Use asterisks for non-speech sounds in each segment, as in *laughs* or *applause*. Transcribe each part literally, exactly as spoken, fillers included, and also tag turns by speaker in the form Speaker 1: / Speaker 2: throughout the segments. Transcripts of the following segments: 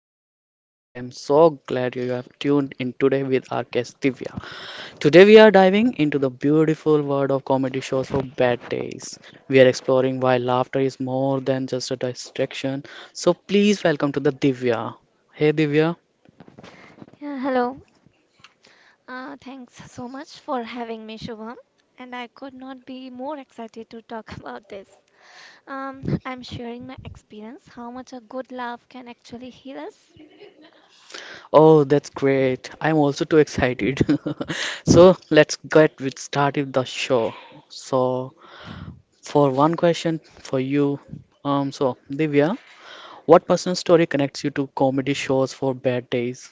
Speaker 1: your host Shubham and I am so glad you have tuned in today with our guest Divya. Today we are diving into the beautiful world of comedy shows for bad days. We are exploring why laughter is more than just a distraction. So please welcome to the Divya. Hey Divya.
Speaker 2: Yeah, hello. Uh, thanks so much for having me, Shubham. And I could not be more excited to talk *laughs* about this. Um, I'm sharing my experience, how much a good laugh can actually heal us.
Speaker 1: Oh, that's great. I'm also too excited. *laughs* So let's get with started the show. So for one question for you, um, so Divya, what personal story connects you to comedy shows for bad days?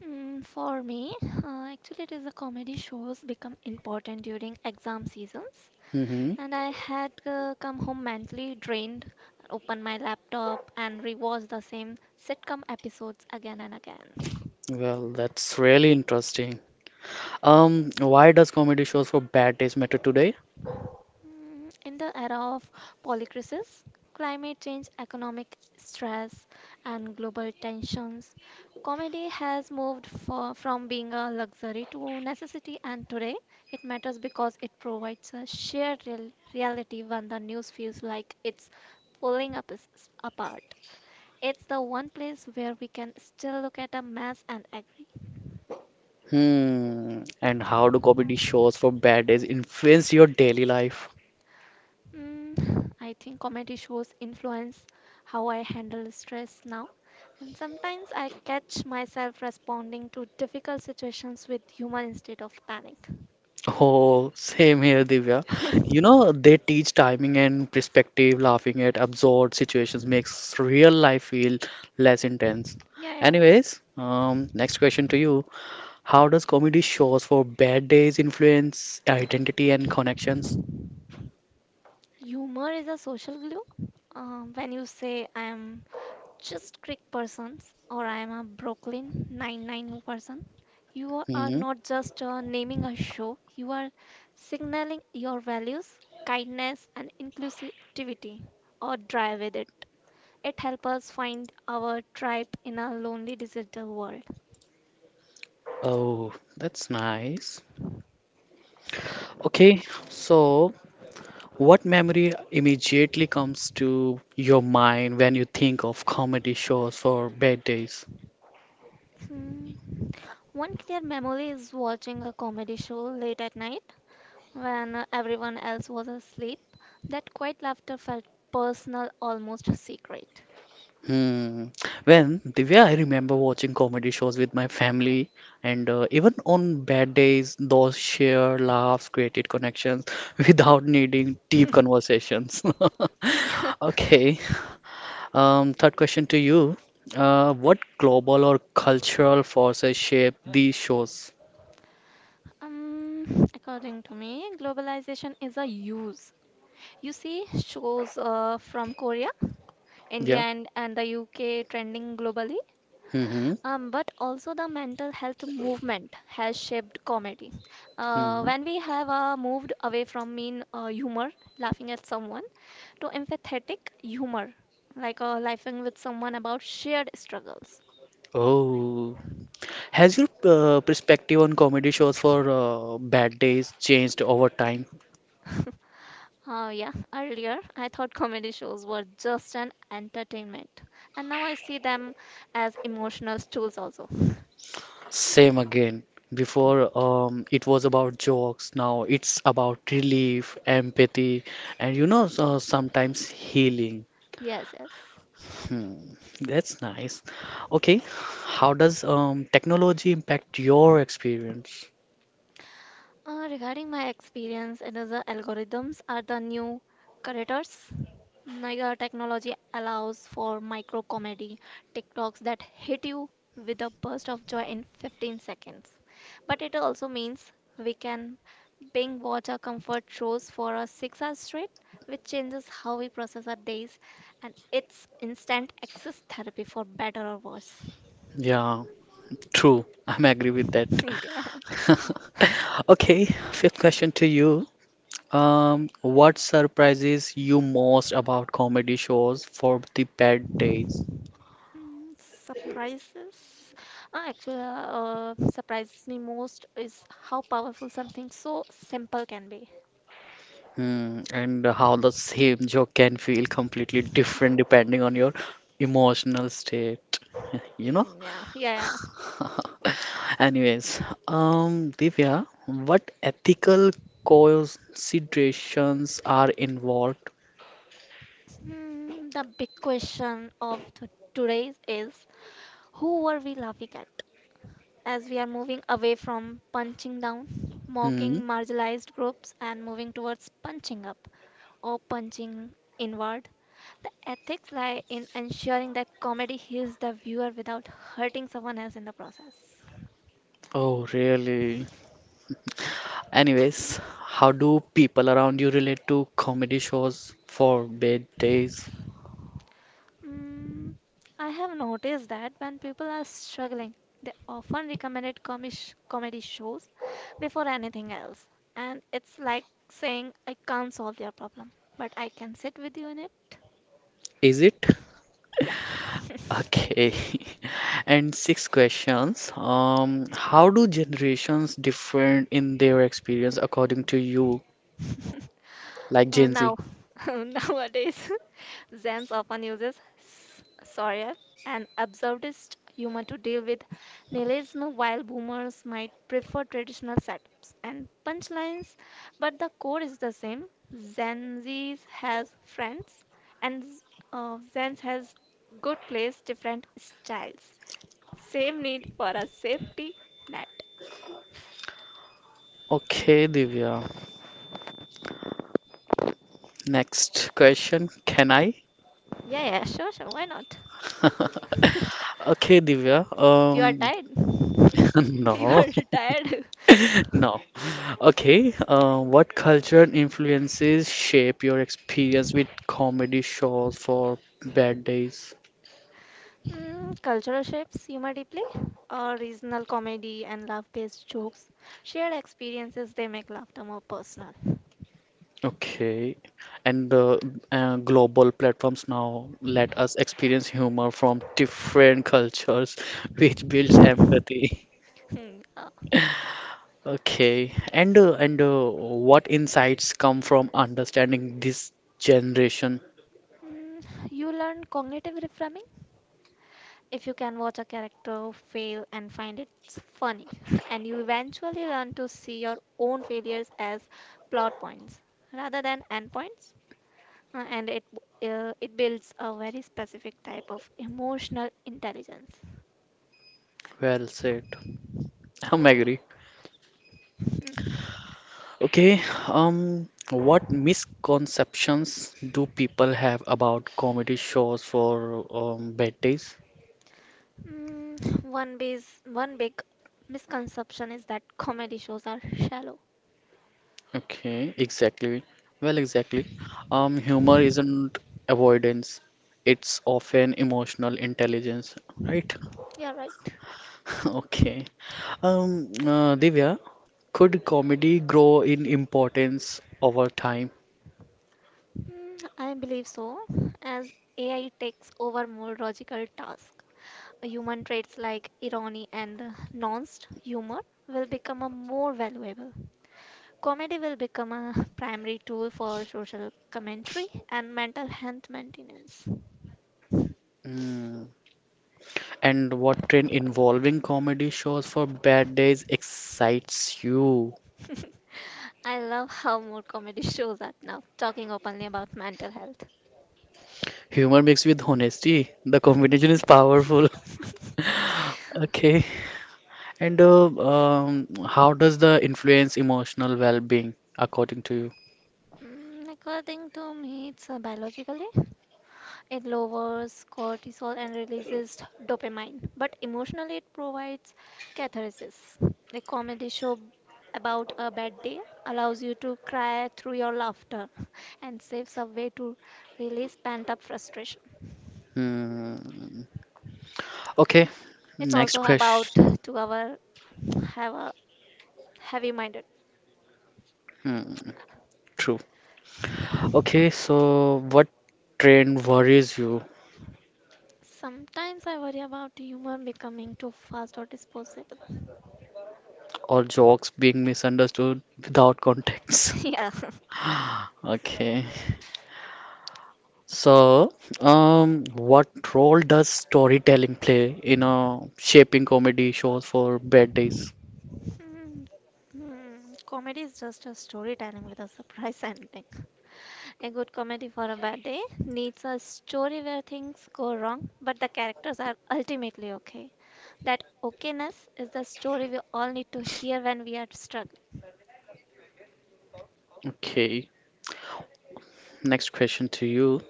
Speaker 2: Mm, for me, uh, actually, it is the comedy shows become important during exam seasons.
Speaker 1: Hmm.
Speaker 2: And I had uh, come home mentally drained, open my laptop, and rewatch the same sitcom episodes again and again.
Speaker 1: Well, that's really interesting. Um, why does comedy shows for bad days matter today?
Speaker 2: Mm, in the era of polycrisis, climate change, economic stress, and global tensions, comedy has moved for, from being a luxury to necessity, and today it matters because it provides a shared real, reality when the news feels like it's pulling up us apart. It's the one place where we can still look at a mess and agree.
Speaker 1: Hmm. And how do comedy shows for bad days influence your daily life? *laughs*
Speaker 2: Mm, I think comedy shows influence how I handle stress now, and sometimes I catch myself responding to difficult situations with humor instead of panic.
Speaker 1: Oh, same here, Divya. You
Speaker 2: *laughs*
Speaker 1: know, they teach timing and perspective, laughing at absurd situations makes real life feel less intense.
Speaker 2: Yeah, yeah.
Speaker 1: Anyways, um, next question to you. How does comedy shows for bad days influence identity and connections?
Speaker 2: Humor is a social glue. Um, when you say I am just Greek persons or I am a Brooklyn ninety-nine person, you are
Speaker 1: Hmm.
Speaker 2: not just uh, naming a show, you are signaling your values, kindness, and inclusivity, or dry with it. It helps us find our tribe in a lonely digital world.
Speaker 1: Oh, that's nice. Okay, so what memory immediately comes to your mind when you think of comedy shows for bad days?
Speaker 2: Hmm. One clear memory is watching a comedy show late at night when uh, everyone else was asleep. That quiet laughter felt personal, almost secret.
Speaker 1: Hmm. Well, Divya, I remember watching comedy shows with my family, and uh, even on bad days, those shared laughs created connections *laughs* without needing deep conversations. *laughs* Okay, Um, third question to you. Uh, what global or cultural forces shape these shows?
Speaker 2: Um, according to me, globalization is a use. You see shows uh, from Korea, India,
Speaker 1: Yeah.
Speaker 2: and, and the U K trending globally.
Speaker 1: Mm-hmm.
Speaker 2: Um, but also the mental health movement has shaped comedy. Uh,
Speaker 1: Hmm.
Speaker 2: when we have uh, moved away from mean uh, humor, laughing at someone, to empathetic humor, like uh, laughing with someone about shared struggles.
Speaker 1: Oh, has your uh, perspective on comedy shows for uh, bad days changed over time?
Speaker 2: Uh, yeah, earlier I thought comedy shows were just an entertainment, and now I see them as emotional tools also.
Speaker 1: Same again. Before, um, it was about jokes. Now it's about relief, empathy, and you know, so sometimes healing.
Speaker 2: Yes, yes.
Speaker 1: Hmm, that's nice. Okay, how does um, technology impact your experience?
Speaker 2: Uh, regarding my experience, it is the algorithms are the new curators. Like our technology allows for micro comedy TikToks that hit you with a burst of joy in fifteen seconds. But it also means we can binge watch our comfort shows for a six hours straight, which changes how we process our days and it's instant access therapy for better or worse.
Speaker 1: Yeah, true. *laughs* I'm agree with that. *laughs*
Speaker 2: *laughs* Yeah.
Speaker 1: Okay, fifth question to you. Um, what surprises you most about comedy shows for the bad days?
Speaker 2: Mm, surprises. Uh, Actually, uh, surprises me most is how powerful something so simple can be.
Speaker 1: Hmm, and how the same joke can feel completely different depending on your emotional state, you know?
Speaker 2: Mm, yeah, *laughs* yeah, yeah.
Speaker 1: *laughs* Anyways, um, Divya, what ethical considerations are involved?
Speaker 2: Hmm, the big question of th- today is, who are we laughing at? As we are moving away from punching down, mocking
Speaker 1: Hmm.
Speaker 2: marginalized groups, and moving towards punching up or punching inward, the ethics lie in ensuring that comedy heals the viewer without hurting someone else in the process.
Speaker 1: Oh, really? Anyways, how do people around you relate to comedy shows for bad days?
Speaker 2: Mm, I have noticed that when people are struggling, they often recommended comish comedy shows before anything else. And it's like saying, I can't solve your problem, but I can sit with you in it.
Speaker 1: Is it?
Speaker 2: Yeah.
Speaker 1: Okay. *laughs* And six questions. Um, how do generations differ in their experience according to you,
Speaker 2: *laughs*
Speaker 1: like
Speaker 2: Uh,
Speaker 1: Gen
Speaker 2: now,
Speaker 1: Z?
Speaker 2: *laughs* nowadays, *laughs* Zenz often uses s- satire and absurdist humor to deal with nihilism, while boomers might prefer traditional setups and punchlines, but the core is the same. Gen Z has friends, and z- uh, Zenz has good plays, different styles. Same need for a safety net.
Speaker 1: Okay, Divya. Next question. Can I?
Speaker 2: Yeah, yeah, sure, sure, why not?
Speaker 1: *laughs*
Speaker 2: *laughs*
Speaker 1: Okay, Divya.
Speaker 2: You are
Speaker 1: Um,
Speaker 2: tired. *laughs*
Speaker 1: *laughs*
Speaker 2: You
Speaker 1: no,
Speaker 2: are retired.
Speaker 1: *laughs* no. Okay. Uh, what cultural influences shape your experience with comedy shows for bad days?
Speaker 2: Mm, cultural shapes humor deeply, or regional comedy and love based jokes. Shared experiences, they make laughter more personal.
Speaker 1: Okay. And the uh, global platforms now let us experience humor from different cultures, *laughs* which builds
Speaker 2: *laughs*
Speaker 1: empathy.
Speaker 2: Hmm, yeah.
Speaker 1: Okay. And uh, and uh, what insights come from understanding this generation?
Speaker 2: Mm, you learn cognitive reframing if you can watch a character fail and find it funny, *laughs* and you eventually learn to see your own failures as plot points rather than endpoints. Uh, and it uh, it builds a very specific type of emotional intelligence.
Speaker 1: Well said. *laughs* I'm agree.
Speaker 2: *laughs*
Speaker 1: Okay, um, what misconceptions do people have about comedy shows for um, bad days?
Speaker 2: Mm, one base, one big misconception is that comedy shows are shallow.
Speaker 1: Okay, exactly. Well, exactly. Um, humor isn't avoidance. It's often emotional intelligence, right?
Speaker 2: Yeah, right.
Speaker 1: *laughs* Okay. Um, uh, Divya, could comedy grow in importance over time?
Speaker 2: Mm, I believe so, as A I takes over more logical tasks. Human traits like irony and uh, nuanced humor will become a more valuable. Comedy will become a *laughs* primary tool for social commentary and mental health maintenance. *laughs*
Speaker 1: Hmm. And what trend involving comedy shows for bad days excites you?
Speaker 2: I love how more comedy shows are now talking openly about mental health.
Speaker 1: Humor mixed with honesty. The combination is powerful.
Speaker 2: *laughs*
Speaker 1: *laughs* Okay. And uh, um, how does the influence emotional well-being according to you?
Speaker 2: Mm, according to me, it's uh, biologically it lowers cortisol and releases dopamine, but emotionally it provides catharsis. A comedy show about a bad day allows you to cry through your laughter *laughs* and saves a way to release pent-up frustration.
Speaker 1: Hmm. Okay.
Speaker 2: It's
Speaker 1: Next
Speaker 2: also about
Speaker 1: question.
Speaker 2: to our have a heavy-minded.
Speaker 1: Hmm. True. Okay, so what trend worries you
Speaker 2: Sometimes I worry about humor becoming too fast or disposable.
Speaker 1: or jokes being misunderstood without context?
Speaker 2: *laughs* Yeah.
Speaker 1: *laughs* Okay. So, um, what role does storytelling play in uh, shaping comedy shows for bad days?
Speaker 2: Hmm, hmm, Comedy is just a storytelling with a surprise *laughs* ending. A good comedy for a bad day needs a story where things go wrong, but the characters are ultimately okay. That okayness is the story we all need to hear when we are struggling.
Speaker 1: Okay, next question to you.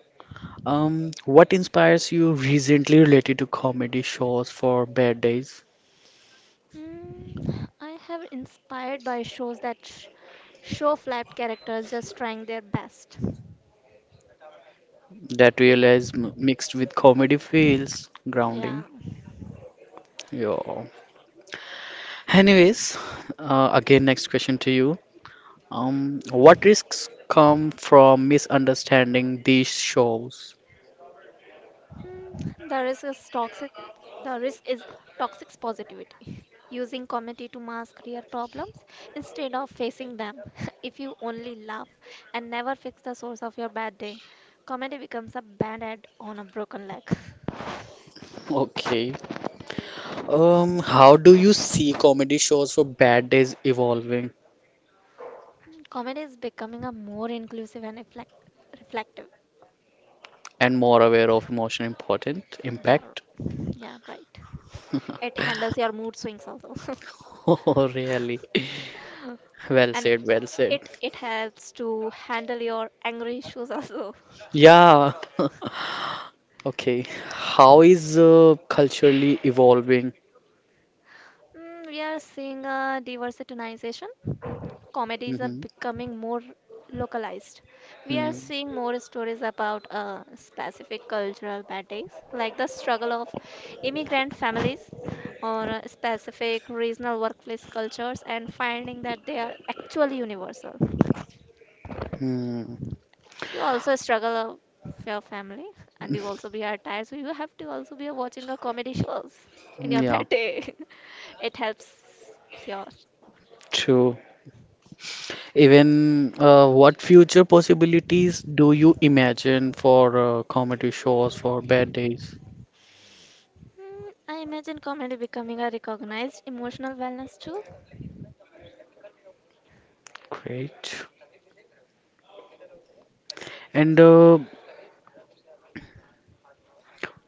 Speaker 1: Um, what inspires you recently related to comedy shows for bad days
Speaker 2: Hmm, I have inspired by shows that sh- show flat characters just trying their best.
Speaker 1: that realism mixed with comedy feels grounding?
Speaker 2: Yeah.
Speaker 1: Yeah. Anyways, uh, again, next question to you. Um, what risks come from misunderstanding these shows?
Speaker 2: Mm, The risk is toxic. The risk is toxic positivity, *laughs* using comedy to mask real problems instead of facing them. *laughs* If you only laugh and never fix the source of your bad day, comedy becomes a band-aid on a broken leg. *laughs*
Speaker 1: Okay. Um, how do you see comedy shows for bad days evolving
Speaker 2: Mm, comedy is becoming a more inclusive and reflect reflective.
Speaker 1: and more aware of emotional important
Speaker 2: Yeah, r-
Speaker 1: impact? *laughs*
Speaker 2: yeah, right. It handles your mood swings also, *laughs*
Speaker 1: Oh, really? Well
Speaker 2: and
Speaker 1: said, well said.
Speaker 2: it it helps to handle your angry issues also. *laughs*
Speaker 1: Yeah. *laughs* Okay. How is uh, culturally evolving?
Speaker 2: Mm, we are seeing a diversitynization comedies are
Speaker 1: Hmm.
Speaker 2: becoming more localized. We are
Speaker 1: Hmm.
Speaker 2: seeing more stories about uh, specific cultural battles, like the struggle of immigrant families or uh, specific regional workplace cultures, and finding that they are actually universal.
Speaker 1: Hmm.
Speaker 2: You also struggle of your family, and you also be are tired, so you have to also be watching a comedy shows in your
Speaker 1: Yeah,
Speaker 2: bad day. *laughs* It helps your.
Speaker 1: true. Even uh, what future possibilities do you imagine for uh, comedy shows for bad days?
Speaker 2: Hmm, I imagine comedy becoming a recognized emotional wellness tool.
Speaker 1: Great. And uh,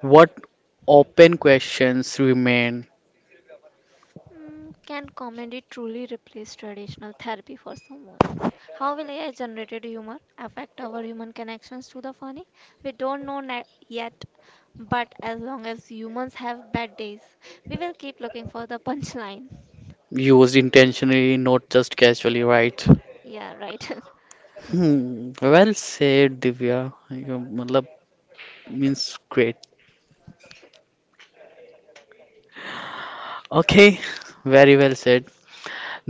Speaker 1: What open questions remain
Speaker 2: Mm, can comedy truly replace traditional therapy for someone? How will A I generated humor affect our human connections to the funny? We don't know na- yet, but as long as humans have bad days, we will keep looking for the punchline.
Speaker 1: used intentionally, not just casually, right?
Speaker 2: Yeah, right. *laughs*
Speaker 1: Hmm, well said, Divya. You matlab, means great. Okay, very well said.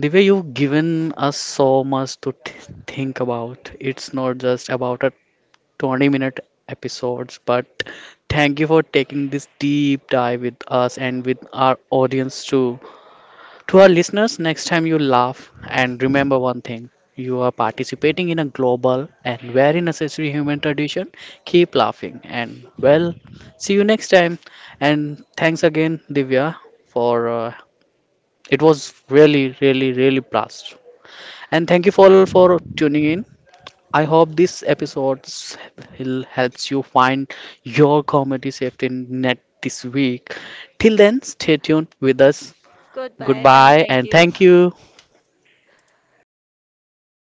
Speaker 1: Divya, you've given us so much to th- think about. It's not just about a twenty minute episodes, but thank you for taking this deep dive with us and with our audience too. To our listeners, next time you laugh and remember one thing you are participating in a global and very necessary human tradition. Keep laughing and well, see you next time. And thanks again, Divya, for uh, it was really, really, really blast. And thank you all for tuning in. I hope this episode will helps you find your comedy safety net this week. Till then, stay tuned with us.
Speaker 2: Goodbye and
Speaker 1: Goodbye
Speaker 2: thank
Speaker 1: and
Speaker 2: you.
Speaker 1: thank you.